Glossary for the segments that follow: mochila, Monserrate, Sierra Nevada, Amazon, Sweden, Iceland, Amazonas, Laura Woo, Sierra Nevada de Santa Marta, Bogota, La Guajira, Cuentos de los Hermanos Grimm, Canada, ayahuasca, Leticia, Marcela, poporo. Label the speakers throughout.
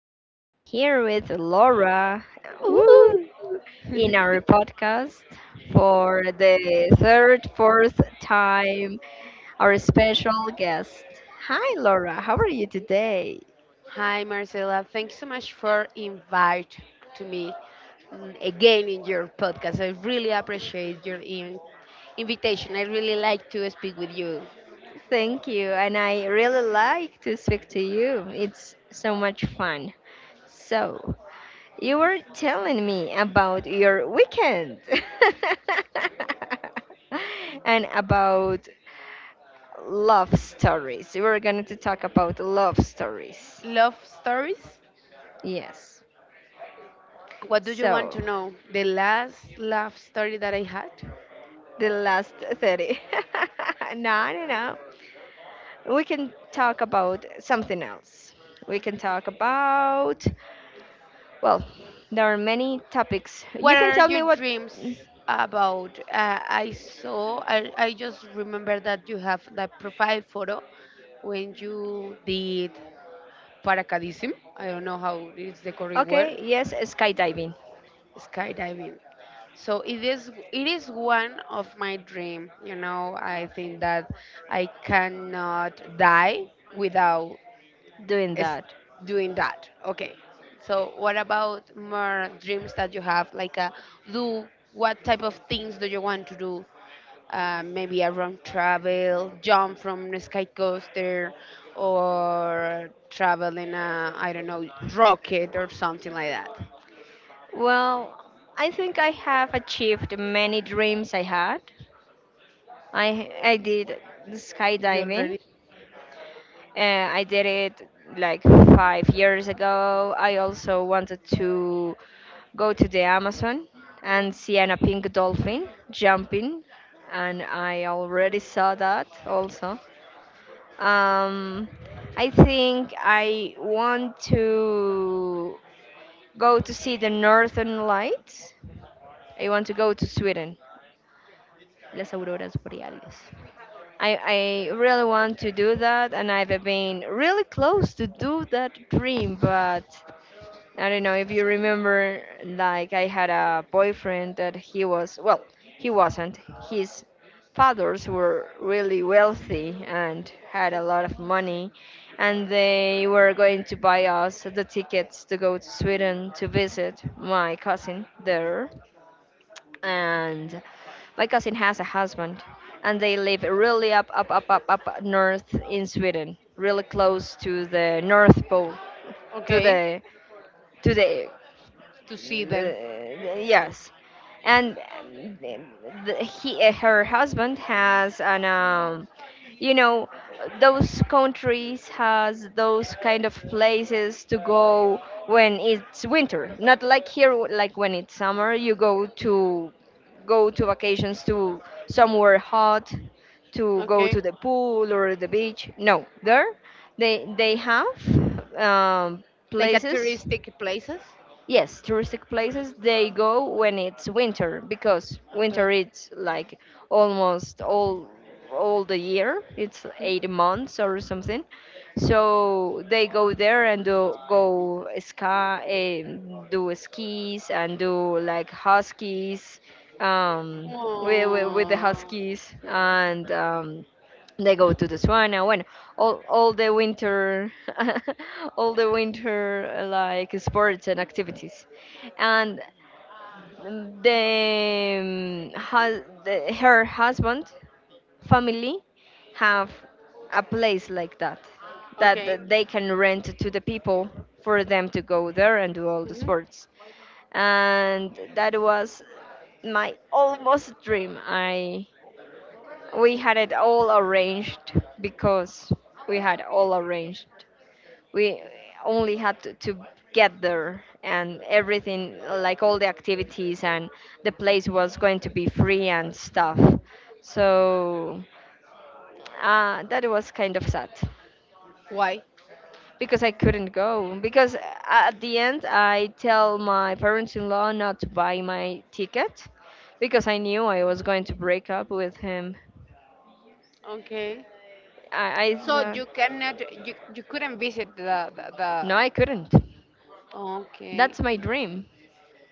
Speaker 1: we are here with Laura woo,
Speaker 2: Ooh.
Speaker 1: in our podcast for the third, fourth time, our special guest. Hi Laura, how are you today?
Speaker 2: Hi, Marcela. Thanks so much for invite to me again in your podcast. I really appreciate your invitation. I really like to speak with you.
Speaker 1: Thank you, and I really like to speak to you. It's so much fun. So, you were telling me about your weekend and about love stories. We're going to talk about love stories.
Speaker 2: Love stories?
Speaker 1: Yes.
Speaker 2: What do you want to
Speaker 1: So,
Speaker 2: know? The last love story that I had?
Speaker 1: the last 30. No, no, no. We can talk about something else. We can talk about, well, there are many topics. You
Speaker 2: What
Speaker 1: can
Speaker 2: are
Speaker 1: tell
Speaker 2: your
Speaker 1: me what.
Speaker 2: dreams about? I saw, I just remember that you have that profile photo when you did paracaidism. I don't know how is the correct word.
Speaker 1: Okay, yes, skydiving,
Speaker 2: Skydiving. So it is one of my dream. You know, I think that I cannot die without
Speaker 1: doing
Speaker 2: s-
Speaker 1: that.
Speaker 2: doing that. Okay. So what about more dreams that you have? Like, do what type of things do you want to do? Maybe a wrong travel, jump from a sky coaster, or travel in a I don't know rocket or something like that.
Speaker 1: Well, I think I have achieved many dreams I had. I did
Speaker 2: You
Speaker 1: skydiving.
Speaker 2: already.
Speaker 1: Uh, I did it like 5 years ago. I also wanted to go to the Amazon and see a pink dolphin jumping, and I already saw that also. Um, I think I want to go to see the northern lights. I want to go to Sweden, las auroras boreales. I really want to do that, and I've been really close to do that dream, but I don't know if you remember, like I had a boyfriend that he was, well, he wasn't. His fathers were really wealthy and had a lot of money, and they were going to buy us the tickets to go to Sweden to visit my cousin there, and my cousin has a husband, and they live really up north in Sweden, really close to the north pole. to
Speaker 2: Okay?
Speaker 1: the to the
Speaker 2: To see them.
Speaker 1: Yes. And the, he her husband has an, um you know those countries has those kind of places to go when it's winter, not like here, like when it's summer you go to go to vacations to somewhere hot, to go
Speaker 2: Okay.
Speaker 1: to the pool or the beach. No, there they have um,
Speaker 2: Like at
Speaker 1: places.
Speaker 2: touristic places.
Speaker 1: Yes, touristic places they go when it's winter, because
Speaker 2: Okay.
Speaker 1: winter it's like almost all the year. It's 8 months or something. So they go there and do, go ski, do skis and do like huskies, with the
Speaker 2: Oh.
Speaker 1: huskies, and they go to the sauna when all the winter. All the winter, like sports and activities. And the, the her husband family have a place like that, that
Speaker 2: Okay.
Speaker 1: that they can rent to the people for them to go there and do all the
Speaker 2: Mhm.
Speaker 1: sports. And that was my almost dream. I We had it all arranged, because we had all arranged. We only had to get there and everything, like all the activities, and the place was going to be free and stuff. So that was kind of sad
Speaker 2: Why?
Speaker 1: because I couldn't go. Because at the end, I tell my parents in law not to buy my ticket, because I knew I was going to break up with him.
Speaker 2: Okay. So
Speaker 1: I
Speaker 2: you cannot, you couldn't visit the.
Speaker 1: No, I couldn't.
Speaker 2: Okay.
Speaker 1: That's my dream.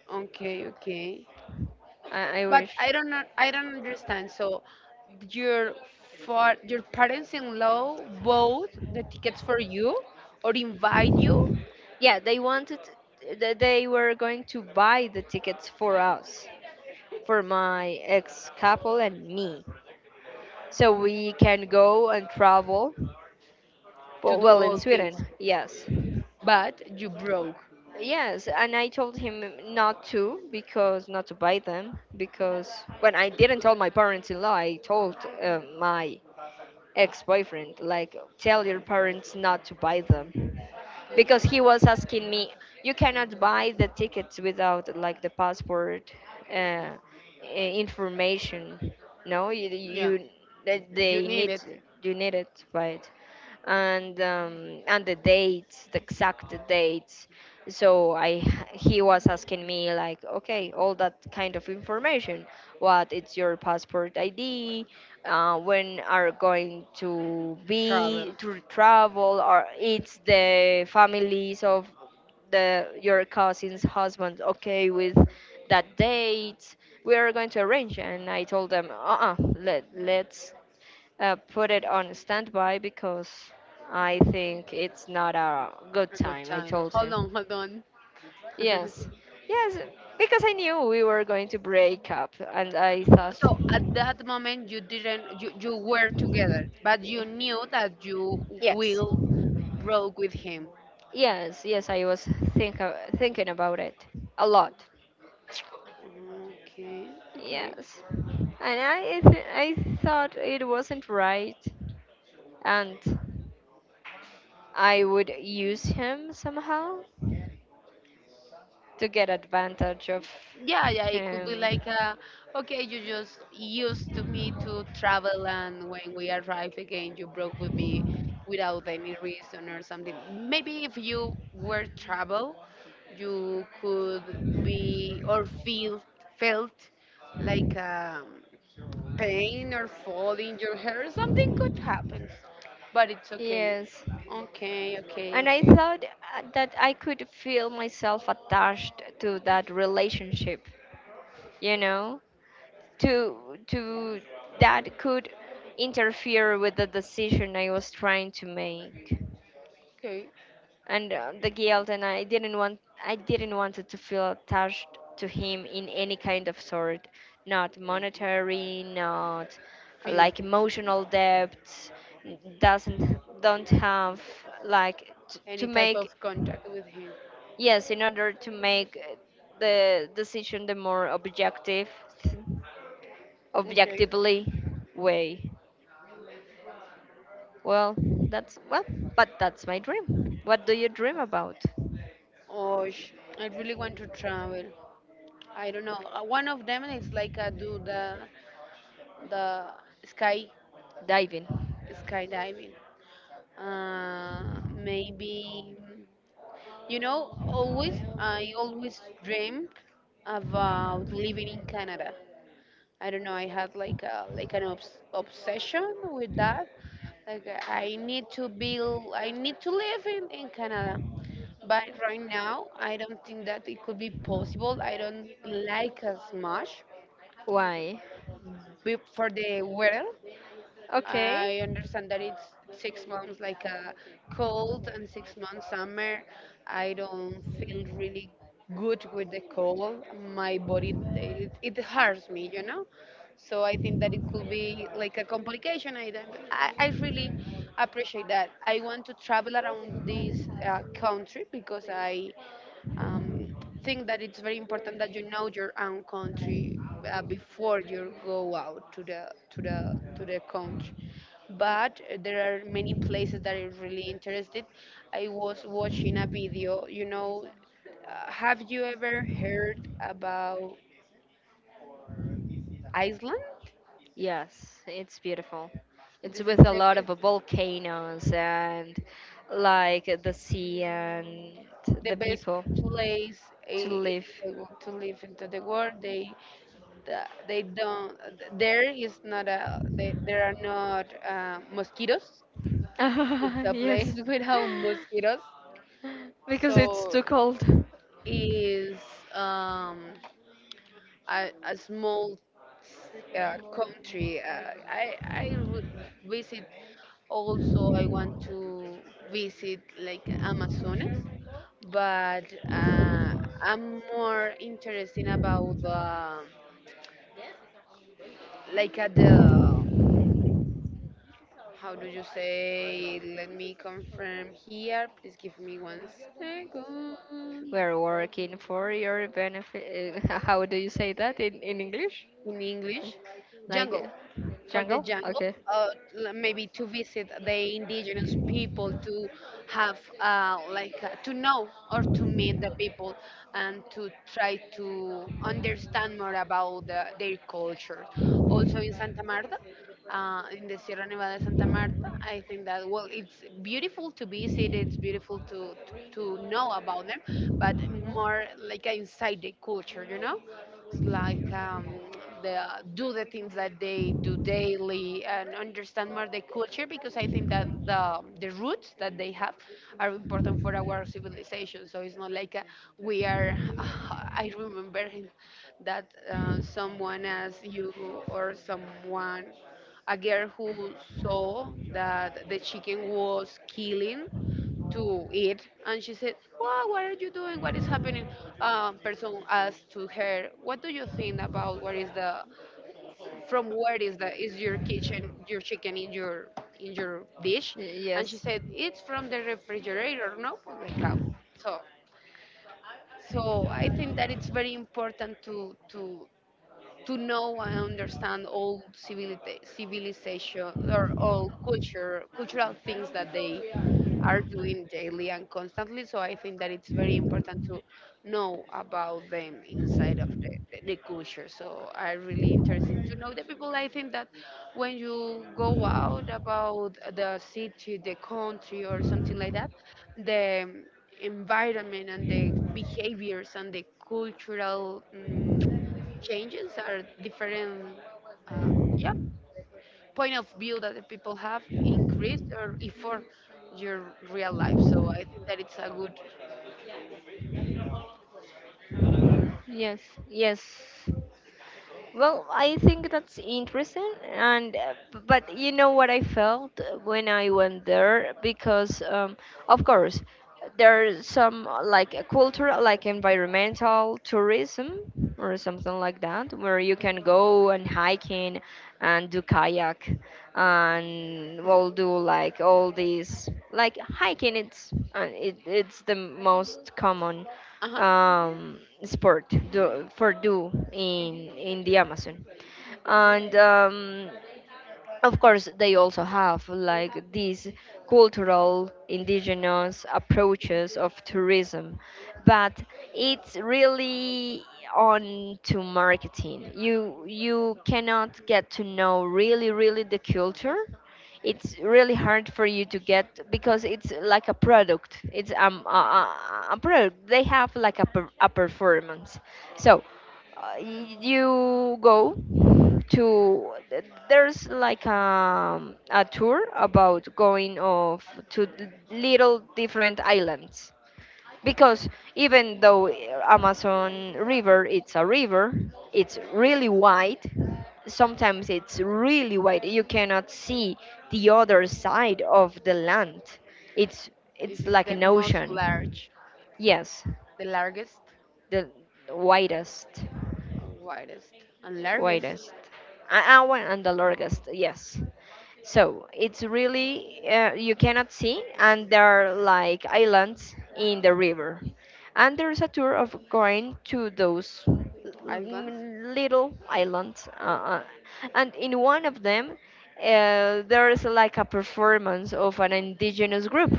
Speaker 2: Okay. Okay.
Speaker 1: I
Speaker 2: but
Speaker 1: wish.
Speaker 2: I don't know, I don't understand. So your for your parents-in-law bought the tickets for you or invite you
Speaker 1: Yeah, they wanted, they were going to buy the tickets for us, for my ex couple and me, so we can go and travel.
Speaker 2: to
Speaker 1: But,
Speaker 2: do
Speaker 1: well,
Speaker 2: all
Speaker 1: in
Speaker 2: things,
Speaker 1: Sweden, yes.
Speaker 2: but you broke.
Speaker 1: Yes, and I told him not to, because not to buy them, because when I didn't tell my parents in law, I told my ex-boyfriend like, tell your parents not to buy them, because he
Speaker 2: Okay.
Speaker 1: was asking me, you cannot buy the tickets without like the passport uh, information. No,
Speaker 2: Yeah,
Speaker 1: you, they
Speaker 2: you
Speaker 1: they
Speaker 2: need
Speaker 1: need,
Speaker 2: it.
Speaker 1: you need it, right? And and the dates, the exact dates. So I He was asking me like, okay, all that kind of information, what it's your passport id, when are going to be
Speaker 2: Travel.
Speaker 1: to travel, or it's the families of the your cousin's husband okay with that date, we are going to arrange. And I told them uh-uh, let's put it on standby, because I think it's not a good
Speaker 2: A good
Speaker 1: time, I
Speaker 2: time.
Speaker 1: told
Speaker 2: Hold on,
Speaker 1: him.
Speaker 2: hold on.
Speaker 1: Yes, yes, because I knew we were going to break up and I thought,
Speaker 2: So at that moment you didn't, you were together, but you knew that you
Speaker 1: yes.
Speaker 2: will broke with him.
Speaker 1: Yes, yes, I was thinking about it a lot.
Speaker 2: Okay, okay.
Speaker 1: Yes, and I thought it wasn't right, and I would use him somehow to get advantage of
Speaker 2: Yeah, yeah, it could be like,
Speaker 1: him.
Speaker 2: okay, you just used to me to travel, and when we arrive again, you broke with me without any reason or something. Maybe if you were travel, you could be or feel felt like pain or fall in your hair. Something could happen, but it's okay.
Speaker 1: Yes,
Speaker 2: Okay,
Speaker 1: and
Speaker 2: okay,
Speaker 1: I
Speaker 2: okay,
Speaker 1: thought that I could feel myself attached to that relationship. You know, to to that could interfere with the decision I was trying to make.
Speaker 2: okay.
Speaker 1: And the guilt, and I didn't want, I didn't want to feel attached to him in any kind of sort, not monetary, not like
Speaker 2: Feelings,
Speaker 1: emotional debt, doesn't don't have like to
Speaker 2: any type
Speaker 1: make,
Speaker 2: of contact with him.
Speaker 1: yes, in order to make the decision the more objective,
Speaker 2: Okay.
Speaker 1: objectively way. Well, that's well, but that's my dream. What do you dream about?
Speaker 2: Oh, sh- I really want to travel. I don't know. One of them is like I do the sky
Speaker 1: Diving.
Speaker 2: skydiving. Uh, maybe mm, you know. Always I always dream about living in Canada. I don't know. I had like a like an obsession with that. Like I need to build. I need to live in Canada. But right now, I don't think that it could be possible. I don't like as much.
Speaker 1: Why?
Speaker 2: Be- for the weather.
Speaker 1: Okay.
Speaker 2: I understand that it's 6 months like a cold and 6 months summer. I don't feel really good with the cold. My body, it hurts me, you know? So I think that it could be like a complication. I, don't, I really appreciate that. I want to travel around this country because I um, think that it's very important that you know your own country before you go out to the to the country. But there are many places that are really interested. I was watching a video. You know, have you ever heard about Iceland?
Speaker 1: Yes, it's beautiful. It's
Speaker 2: This
Speaker 1: with
Speaker 2: is
Speaker 1: a lot of volcanoes and like the sea and the
Speaker 2: the best
Speaker 1: people
Speaker 2: place
Speaker 1: to
Speaker 2: in
Speaker 1: live.
Speaker 2: to live into the world. They don't there is not a they, there are not mosquitoes. It's a
Speaker 1: Yes.
Speaker 2: place without mosquitoes.
Speaker 1: Because it's too
Speaker 2: So
Speaker 1: cold.
Speaker 2: is um a small country, I would visit. Also I want to visit like amazonas, but I'm more interested about the like at the. How do you say? Let me confirm here. Please give me one second.
Speaker 1: We're working for your benefit. How do you say that in English?
Speaker 2: In English,
Speaker 1: Like
Speaker 2: jungle, for
Speaker 1: jungle?
Speaker 2: the jungle,
Speaker 1: Okay.
Speaker 2: uh, maybe to visit the indigenous people, to have to know or to meet the people, and to try to understand more about the, their culture. Also in Santa Marta. In the Sierra Nevada de Santa Marta, I think that well, it's beautiful to visit. It's beautiful to know about them, but more like inside the culture, you know. It's like the, do the things that they do daily and understand more the culture because I think that the roots that they have are important for our civilization. So it's not like we are, I remember that someone as you or someone,
Speaker 1: A girl.
Speaker 2: a girl who saw that the chicken was killing to eat and she said well, what are you doing, what is happening, person asked to her what do you think about what is the from where is the is your kitchen your chicken in your dish,
Speaker 1: She,
Speaker 2: and
Speaker 1: yes.
Speaker 2: she said it's from the refrigerator, no, like how. So so I think that it's very important to know and understand all civilization or all culture cultural things that they are doing daily and constantly, so I think that it's very important to know about them inside of the culture. So I really interested to know the people. I think that when you go out about the city the country or something like that, the environment and the behaviors and the cultural changes are different. uh, yeah, point of view that the people have increased or for your real life. So I think that it's a good.
Speaker 1: Yes. Yes. Well, I think that's interesting, and but you know what I felt when I went there, because, of course, there's some like a cultural, like environmental tourism or something like that, where you can go and hiking and do kayak, and
Speaker 2: mm,
Speaker 1: we'll do like all these like hiking. It's it's the most common
Speaker 2: uh-huh.
Speaker 1: sport do, for do in the Amazon, and of course they also have like these cultural indigenous approaches of tourism, but it's really on to marketing. You cannot get to know really really the culture. It's really hard for you to get, because it's like a product. It's a product. They have like a performance. So you go to there's like a tour about going off to little different islands, because even though Amazon river it's a river, it's really wide. Sometimes it's really wide, you cannot see the other side of the land. It's
Speaker 2: This is
Speaker 1: like
Speaker 2: the
Speaker 1: an
Speaker 2: most
Speaker 1: ocean.
Speaker 2: large,
Speaker 1: Yes,
Speaker 2: the largest,
Speaker 1: the widest.
Speaker 2: widest and largest
Speaker 1: Widest. Our and the largest, yes. So it's really, you cannot see, and there are like islands in the river, and there's a tour of going to those
Speaker 2: islands.
Speaker 1: little islands, uh, and in one of them there is like a performance of an indigenous group,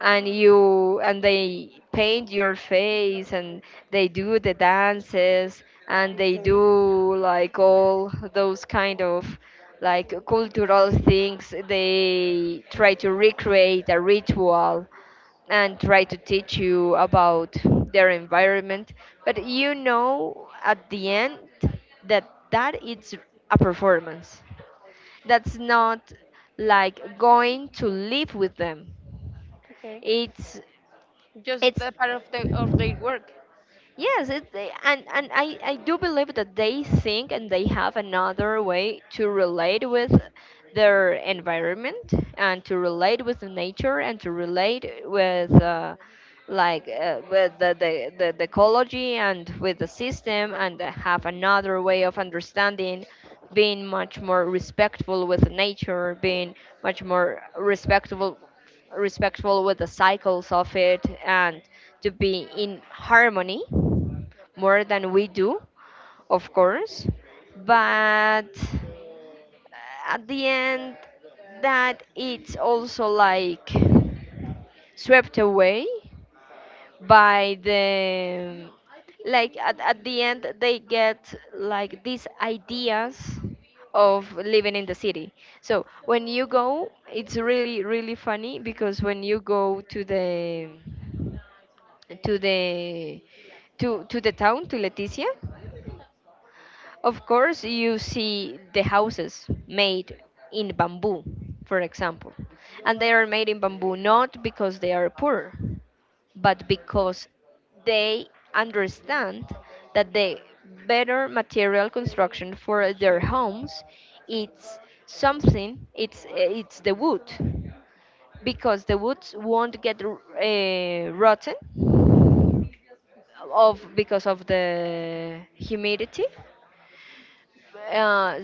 Speaker 1: and you, and they paint your face, and they do the dances, and they
Speaker 2: Okay.
Speaker 1: do like all those kind of like cultural things. They try to recreate a ritual and try to teach you about their environment. But you know, at the end, that that is a performance. That's not like going to live with them.
Speaker 2: Okay.
Speaker 1: it's
Speaker 2: Just
Speaker 1: it's
Speaker 2: the part of the of their work.
Speaker 1: yes, it, and I do believe that they think and they have another way to relate with their environment, and to relate with the nature, and to relate with with the ecology and with the system, and have another way of understanding, being much more respectful with nature, being much more respectful with the cycles of it, and to be in harmony more than we do, of course. But at the end, that it's also like swept away by the, like at the end they get like these ideas of living in the city. So when you go, it's really really funny because when you go to the to the to to the town, to Leticia, of course, you see the houses made in bamboo, for example, and they are made in bamboo not because they are poor, but because they understand that the better material construction for their homes it's something. It's the wood, because the woods won't get rotten of because of the humidity. uh,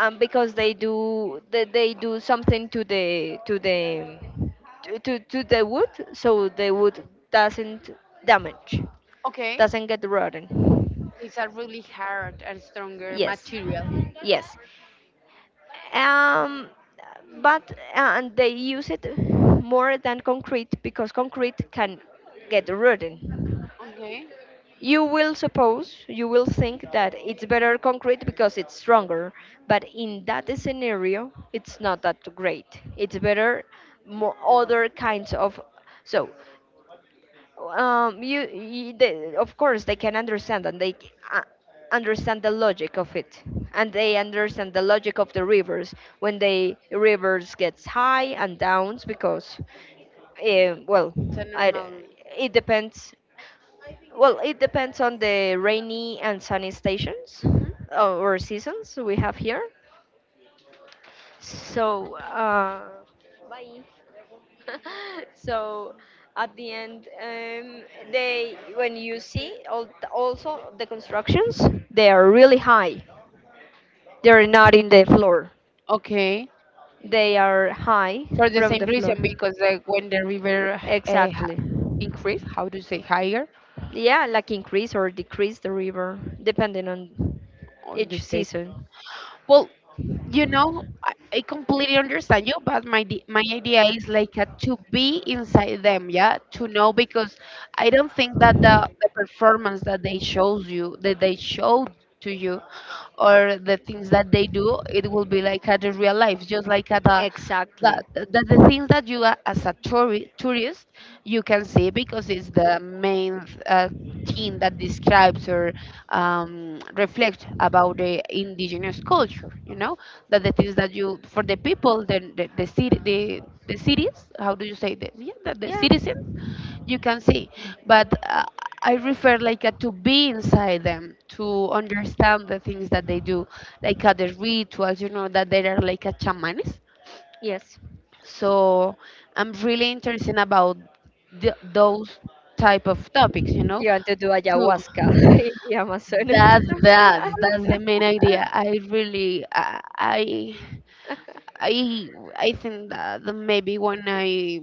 Speaker 1: and because they do, they do something to the to the wood, so the wood doesn't damage,
Speaker 2: Okay.
Speaker 1: doesn't get rotten.
Speaker 2: It's a really hard and stronger
Speaker 1: Yes,
Speaker 2: material.
Speaker 1: yes. um but, and they use it more than concrete, because concrete can get rotten.
Speaker 2: Okay.
Speaker 1: You will suppose, you will think that it's better concrete because it's stronger, but in that scenario, it's not that great. It's better more
Speaker 2: The bubble.
Speaker 1: other kinds of. So, you of course they can understand, and they understand the logic of it, and they understand the logic of the rivers, when the rivers gets high and downs, because, eh, well,
Speaker 2: It's a
Speaker 1: I, d-
Speaker 2: normal.
Speaker 1: it depends, well, it depends on the rainy and sunny stations
Speaker 2: Hmm.
Speaker 1: or seasons we have here. So, so at the end, they, when you see all, also the constructions, they are really high. They're not in the floor.
Speaker 2: Okay.
Speaker 1: They are high
Speaker 2: For the
Speaker 1: from
Speaker 2: same
Speaker 1: the
Speaker 2: reason,
Speaker 1: floor.
Speaker 2: because like when the river uh, h-
Speaker 1: Exactly.
Speaker 2: increase, how do you say higher
Speaker 1: Yeah, like increase or decrease the river depending on
Speaker 2: on the
Speaker 1: each
Speaker 2: state.
Speaker 1: season.
Speaker 2: Well, you know, I completely understand you, but my my idea is like to be inside them, yeah, to know because I don't think that the performance that they shows you, that they showed to you, or the things that they do, it will be like at the real life, just like at the that
Speaker 1: Exactly.
Speaker 2: the things that you are as a tourist you can see because it's the main thing that describes or reflects about the indigenous culture, you know, that the things that you for the people then the city the cities how do you say that, yeah the citizens you can see, but I refer like to be inside them to understand the things that they do like the rituals, you know, that they are like a shamans.
Speaker 1: Yeah. Yes.
Speaker 2: So I'm really interested about those type of topics, you know.
Speaker 1: You want to do
Speaker 2: To
Speaker 1: ayahuasca in the Amazon.
Speaker 2: that's that's the main idea. I really I I think that maybe when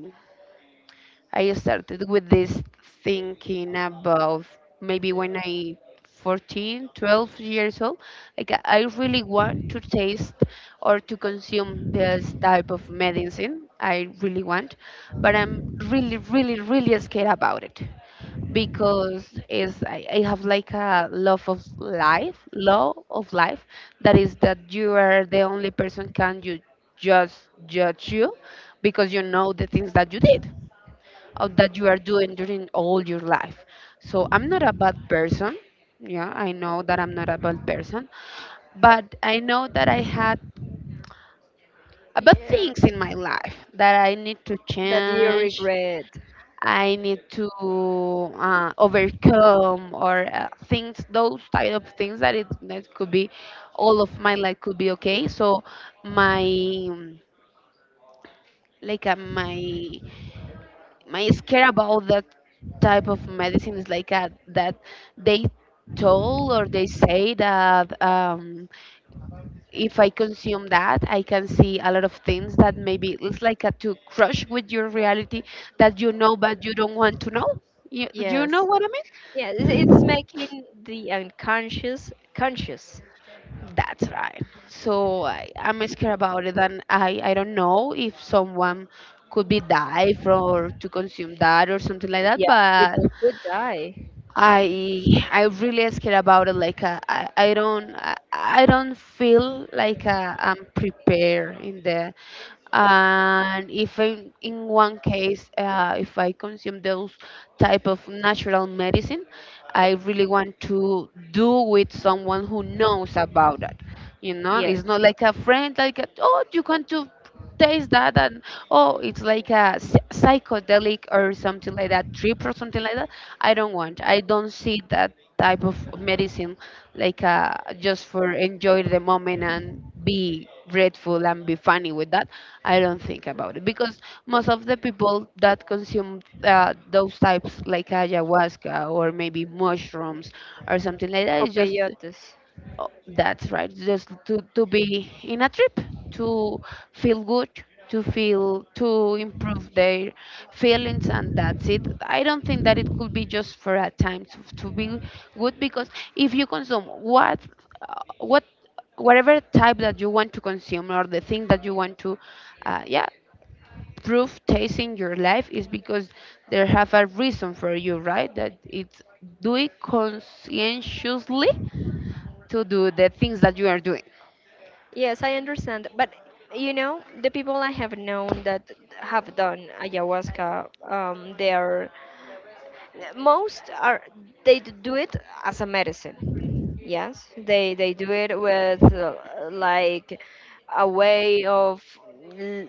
Speaker 2: I started with this thinking about, maybe when I 14, 12 years old, like I really want to taste or to consume this type of medicine. I really want, but I'm really, really, really scared about it because is I have like a love of life, law of life, that is that you are the only person can you just judge you because you know the things that you did, that you are doing during all your life. So I'm not a bad person. Yeah, I know that I'm not a bad person, but I know that I had bad
Speaker 1: Yeah.
Speaker 2: things in my life that I need to
Speaker 1: That you
Speaker 2: change.
Speaker 1: regret.
Speaker 2: I need to overcome or things, those type of things that it that could be all of my life could be okay. So my um, my my scare about that type of medicine is like that they told or they say that if I consume that, I can see a lot of things that maybe it's like a to crush with your reality that you know but you don't want to know. You know
Speaker 1: Yes.
Speaker 2: what I mean?
Speaker 1: Yeah, it's making the unconscious conscious.
Speaker 2: That's right. So I, I'm scared about it, and I don't know if someone could be die from or to consume that or something like that,
Speaker 1: Yeah, people
Speaker 2: but
Speaker 1: could die.
Speaker 2: I really scared about it. Like I don't feel like I'm prepared in the and if in, in one case if I consume those type of natural medicine, I really want to do with someone who knows about it. You know, it's
Speaker 1: Yes,
Speaker 2: not like a friend like oh you can do taste that and oh it's like a psychedelic or something like that trip or something like that. I don't want I don't see that type of medicine like just for enjoy the moment and be grateful and be funny with that. I don't think about it because most of the people that consume those types like ayahuasca or maybe mushrooms or something like that is just.
Speaker 1: opioides.
Speaker 2: Oh, that's right. Just to be in a trip, to feel good, to feel, to improve their feelings, and that's it. I don't think that it could be just for a time to be good because if you consume uh, what, whatever type that you want to consume or the thing that you want to, uh, yeah, prove taste in your life is because there have a reason for you, right? That it's do it conscientiously to do the things that you are doing.
Speaker 1: Yes, I understand. But the people I have known that have done ayahuasca, they are most are they do it as a medicine. Yes, they do it with like a way of l-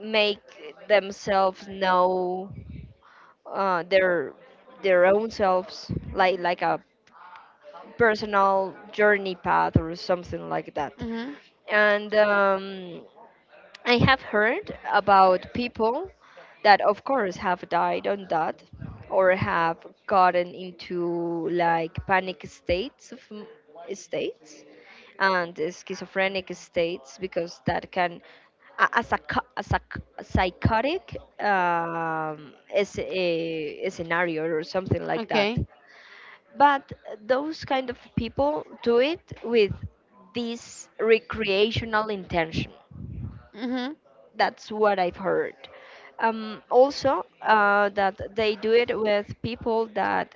Speaker 1: make themselves know uh, their their own selves, like a personal journey path or something like that.
Speaker 2: Mhm.
Speaker 1: And I have heard about people that, of course, have died on that or have gotten into like panic states of states and schizophrenic states because that can a psychotic, is a scenario or something like that.
Speaker 2: Okay.
Speaker 1: But those kind of people do it with this recreational intention.
Speaker 2: Mhm.
Speaker 1: That's what I've heard. Also, that they do it with people that,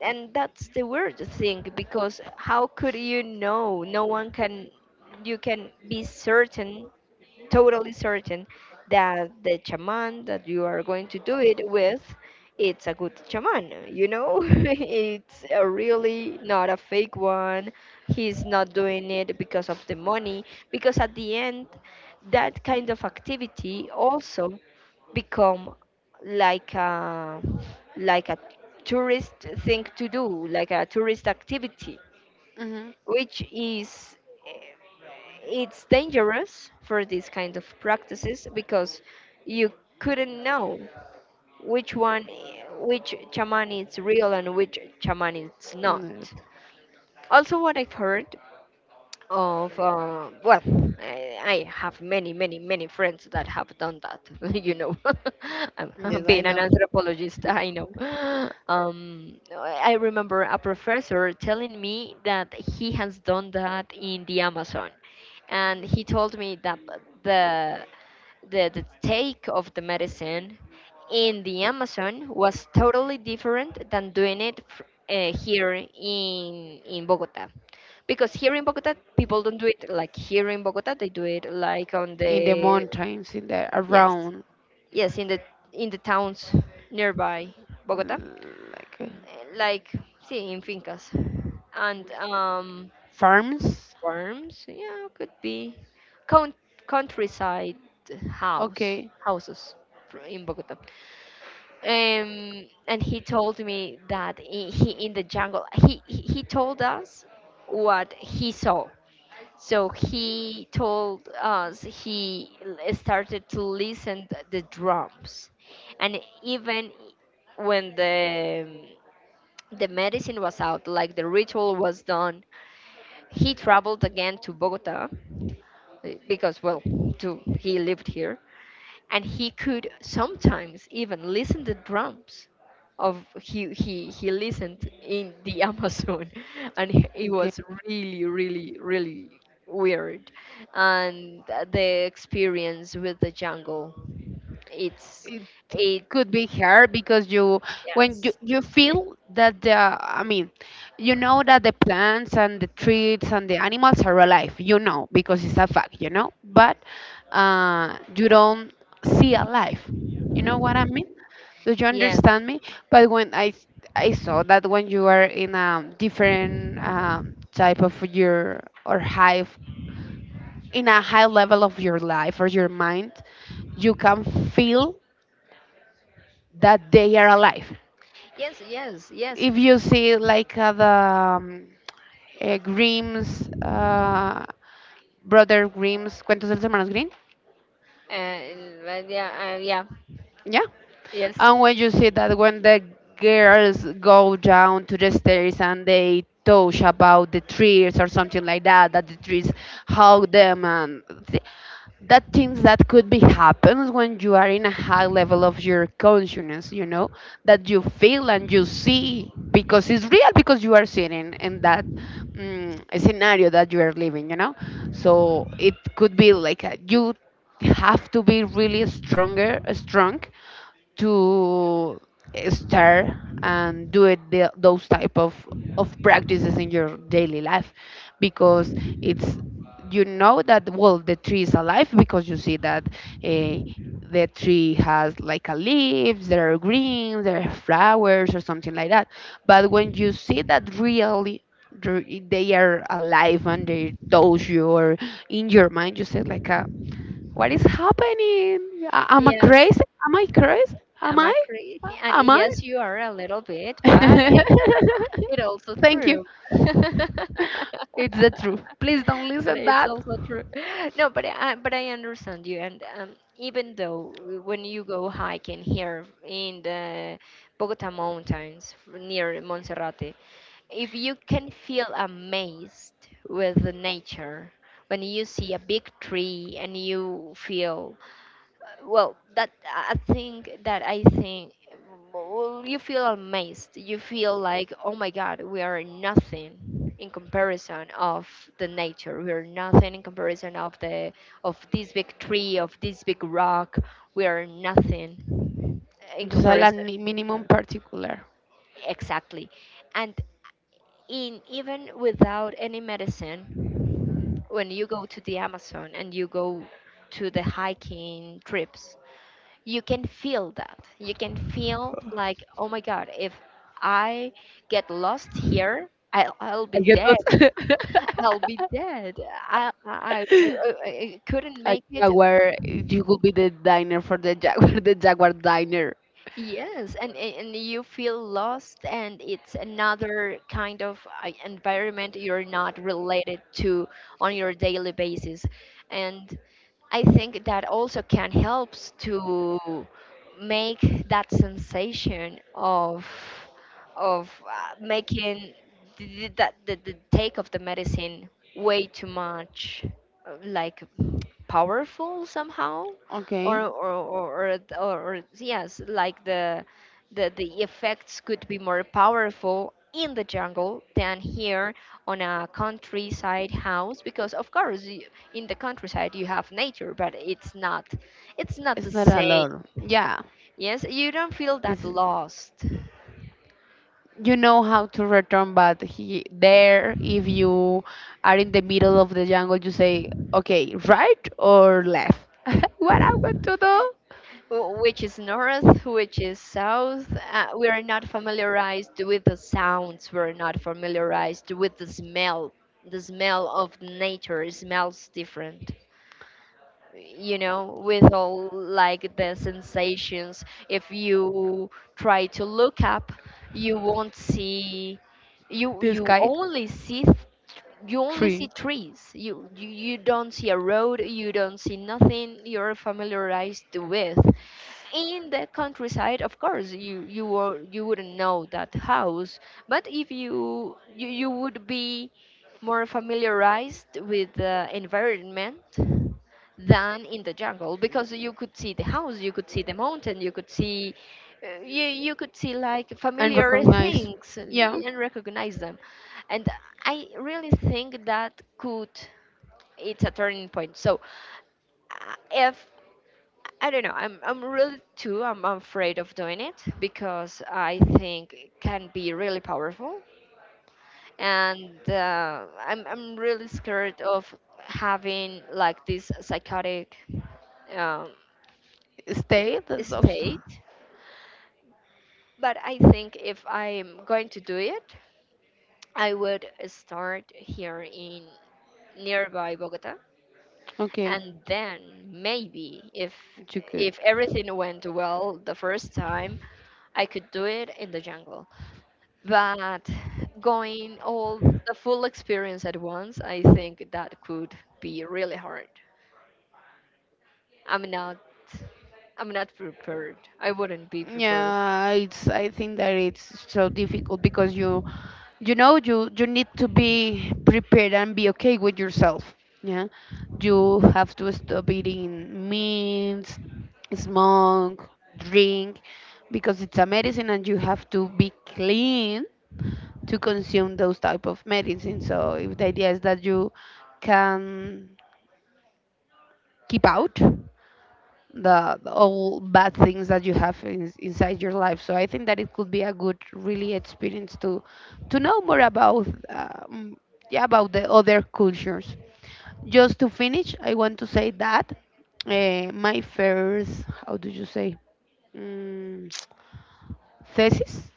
Speaker 1: and that's the weird thing because how could you know? No one can, you can be certain, totally certain, that the shaman that you are going to do it with, it's a good shaman. You know, it's a really not a fake one. He's not doing it because of the money, because at the end that kind of activity also become like a like a tourist thing to do, like a tourist activity
Speaker 2: Mhm.
Speaker 1: which is eh, it's dangerous for these kind of practices because you couldn't know which one which shaman is real and which shaman is
Speaker 2: In
Speaker 1: not.
Speaker 2: the-
Speaker 1: Also what I've heard of, well, I have many friends that have done that. You know, I'm
Speaker 2: Yes, I
Speaker 1: being an
Speaker 2: know.
Speaker 1: anthropologist. I know. I remember a professor telling me that he has done that in the Amazon, and he told me that the the take of the medicine in the Amazon was totally different than doing it here in Bogota, because here in Bogota, people don't do it like here in Bogota. They do it like on
Speaker 2: In the
Speaker 1: the.
Speaker 2: mountains, in the
Speaker 1: Yes,
Speaker 2: around,
Speaker 1: yes, in the towns nearby Bogota.
Speaker 2: mm, like uh,
Speaker 1: Like, see, in fincas and,
Speaker 2: farms.
Speaker 1: farms. Yeah, could be count, countryside, house
Speaker 2: Okay.
Speaker 1: houses in Bogota. And he told me that he in the jungle, he told us what he saw. So he told us he started to listen the drums, and even when the medicine was out, like the ritual was done, he traveled again to Bogota, because, well, to he lived here, and he could sometimes even listen the drums of, he listened in the Amazon, and it
Speaker 2: Okay.
Speaker 1: was really, really, really weird. And the experience with the jungle, it's
Speaker 2: It
Speaker 1: it
Speaker 2: could be hard because you, when you
Speaker 1: Yes,
Speaker 2: you feel that the, I mean, you know that the plants and the trees and the animals are alive. You know because it's a fact. You know, but you don't see alive. You know what I mean? Do you
Speaker 1: yes,
Speaker 2: understand me? But I saw that when you are in a different type of your or high in a high level of your life or your mind, you can feel that they are alive.
Speaker 1: yes, yes, yes.
Speaker 2: If you see like the um, Grimm's brother Grimm's Cuentos de los Hermanos Grimm,
Speaker 1: uh, but yeah, yeah,
Speaker 2: yeah.
Speaker 1: yes,
Speaker 2: And when you see that when the girls go down to the stairs and they touch about the trees or something like that, that the trees hug them and th- that things that could be happens when you are in a high level of your consciousness, you know, that you feel and you see because it's real because you are sitting in that mm scenario that you are living, you know. So it could be like a, you have to be really stronger, strong to start and do it those type of practices in your daily life because it's, you know that well the tree is alive because you see that uh, the tree has like a leaves, there are greens, there are flowers or something like that, but when you see that really they are alive and they touch you or in your mind you say like a, what is happening? Am I
Speaker 1: yes,
Speaker 2: crazy? Am I crazy? Am
Speaker 1: I'm
Speaker 2: I?
Speaker 1: agree. And
Speaker 2: Am I?
Speaker 1: yes, you are a little bit, but it also
Speaker 2: Thank you.
Speaker 1: true.
Speaker 2: It's the truth. Please don't
Speaker 1: But
Speaker 2: listen
Speaker 1: it's
Speaker 2: that.
Speaker 1: also true. No, but I understand you. And even though, when you go hiking here in the Bogota mountains near Monserrate, if you can feel amazed with the nature, when you see a big tree and you feel, well, that I think, well, you feel amazed, you feel like, oh my god, we are nothing in comparison of the nature. We are nothing in comparison of the. Of this big tree, of this big rock, we are nothing in
Speaker 2: Just a la
Speaker 1: comparison.
Speaker 2: minimum particular.
Speaker 1: Exactly. And in even without any medicine, when you go to the Amazon and you go to the hiking trips, you can feel like, oh my god, if I get lost here, I'll
Speaker 2: I
Speaker 1: be
Speaker 2: get
Speaker 1: dead.
Speaker 2: lost.
Speaker 1: I'll be dead. I, I I couldn't
Speaker 2: A
Speaker 1: make it.
Speaker 2: jaguar. You could be the diner for the jaguar. The jaguar diner.
Speaker 1: Yes, and you feel lost, and it's another kind of, environment you're not related to on your daily basis. And I think that also can help to make that sensation of, of making the take of the medicine way too much, like, powerful somehow.
Speaker 2: Okay.
Speaker 1: Or yes, like the, the effects could be more powerful in the jungle than here on a countryside house. Because of course you, in the countryside you have nature, but it's not the
Speaker 2: It's not a
Speaker 1: same.
Speaker 2: lot. Yeah.
Speaker 1: Yes, you don't feel that
Speaker 2: This is.
Speaker 1: lost.
Speaker 2: You know how to return, but he there if you are in the middle of the jungle you say, okay, right or left, what I'm going to do?
Speaker 1: Which is north, which is south. We are not familiarized with the sounds. We're not familiarized with the smell. The smell of nature smells different. With all like the sensations. If you try to look up, you won't see. You
Speaker 2: This
Speaker 1: you
Speaker 2: guy,
Speaker 1: only see
Speaker 2: tree,
Speaker 1: trees. You don't see a road. You don't see nothing you're familiarized with. In the countryside, of course, you wouldn't know that house. But if you would be more familiarized with the environment than in the jungle, because you could see the house, you could see the mountain, you could see, you could see like
Speaker 2: and
Speaker 1: familiar
Speaker 2: recognize.
Speaker 1: things, and
Speaker 2: Yeah.
Speaker 1: and recognize them. And I really think that could, it's a turning point. So, if, I don't know. I'm really too. I'm afraid of doing it because I think it can be really powerful, and I'm really scared of having like this psychotic, um,
Speaker 2: Stay, that's also
Speaker 1: state. But I think if I'm going to do it, I would start here in nearby Bogota,
Speaker 2: okay.
Speaker 1: and then maybe if
Speaker 2: You could.
Speaker 1: if everything went well the first time, I could do it in the jungle. But going all the full experience at once, I think that could be really hard. I'm not i'm not prepared. I wouldn't be prepared.
Speaker 2: Yeah, it's, I think that it's so difficult because you know, you need to be prepared and be okay with yourself. Yeah, you have to stop eating meat, smoke, drink, because it's a medicine and you have to be clean to consume those type of medicine. So if the idea is that you can keep out the all bad things that you have in, inside your life. So I think that it could be a good, really experience to know more about yeah, about the other cultures. Just to finish, I want to say that my first, how do you say, mm, thesis,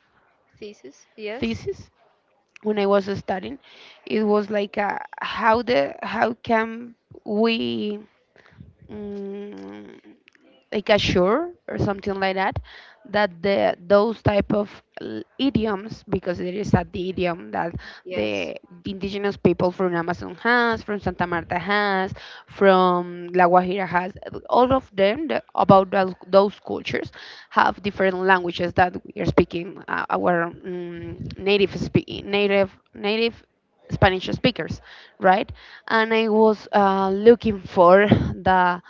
Speaker 1: Thesis. Yes.
Speaker 2: thesis, when I was studying, it was like a, how the how can we mm, like assure or something like that that the those type of idioms because it is a the idiom that
Speaker 1: Yes.
Speaker 2: the indigenous people from Amazon has, from Santa Marta has, from La Guajira has, all of them the, about those cultures have different languages that we are speaking, our native native native Spanish speakers, right? And I was looking for the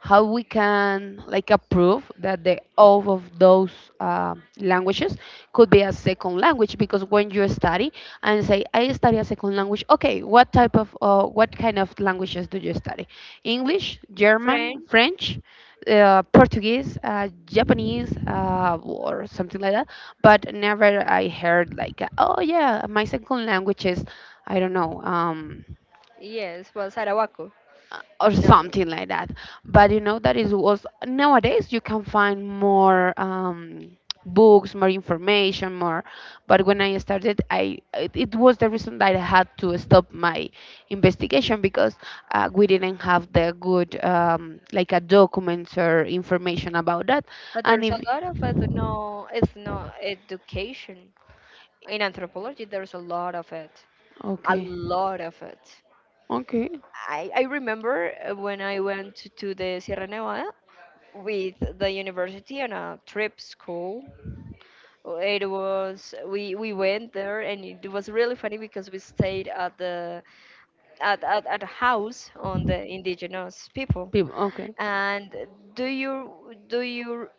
Speaker 2: how we can like approve that the all of those languages could be a second language, because when you study and say I study a second language, okay, what type of what kind of languages do you study? English, German,
Speaker 1: French.
Speaker 2: French, Portuguese, Japanese, or something like that. But never I heard like, oh yeah, my second language is, I don't know,
Speaker 1: Yes. Well, sarawaco.
Speaker 2: or
Speaker 1: No,
Speaker 2: something like that. But you know that is was nowadays you can find more books, more information, more. But when I started, I it, it was the reason that I had to stop my investigation because we didn't have the good like a documents or information about that.
Speaker 1: but
Speaker 2: And
Speaker 1: there's
Speaker 2: if
Speaker 1: a lot of ethno education in anthropology. There's a lot of it, a
Speaker 2: okay,
Speaker 1: lot of it.
Speaker 2: okay,
Speaker 1: I remember, when I went to the Sierra Nevada with the university on a trip school. It was we went there, and it was really funny because we stayed at a house on the indigenous people.
Speaker 2: people, okay,
Speaker 1: And do you do you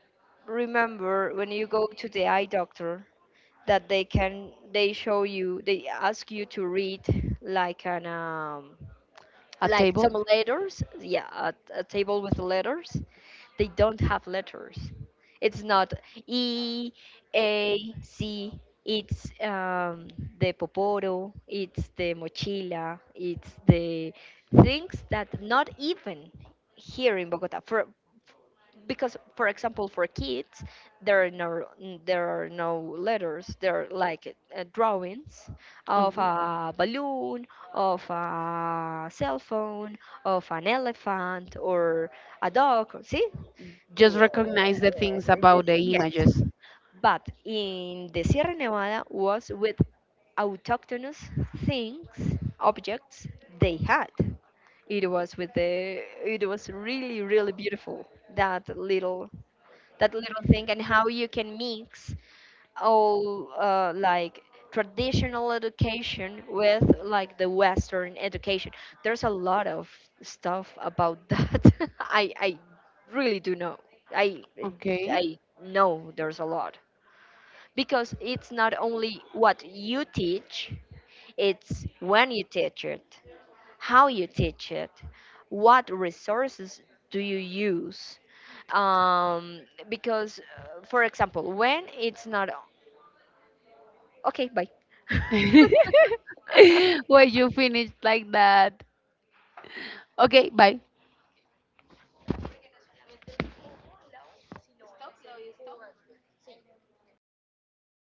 Speaker 1: remember when you go to the eye doctor, that they can they show you they ask you to read like an,
Speaker 2: a
Speaker 1: like
Speaker 2: table,
Speaker 1: some letters, yeah, a table with letters. They don't have letters. It's not E, A, C. It's, the poporo. It's the mochila. It's the things that not even here in Bogota. For because, for example, for kids, there are no there are no letters. There are like, drawings of
Speaker 2: okay,
Speaker 1: a balloon, of a cell phone, of an elephant, or a dog. See.
Speaker 2: just recognize the things about the
Speaker 1: Yes,
Speaker 2: images.
Speaker 1: but in the Sierra Nevada was with autochthonous things, objects they had. It was with the. It was really, really beautiful, that little, that little thing, and how you can mix all, like, traditional education with like the western education. There's a lot of stuff about that. I really do know. i
Speaker 2: Okay.
Speaker 1: i know there's a lot. Because it's not only what you teach, it's when you teach it, how you teach it, what resources do you use. Um because, for example, when it's not, okay, bye.
Speaker 2: When you finished like that. Okay, bye.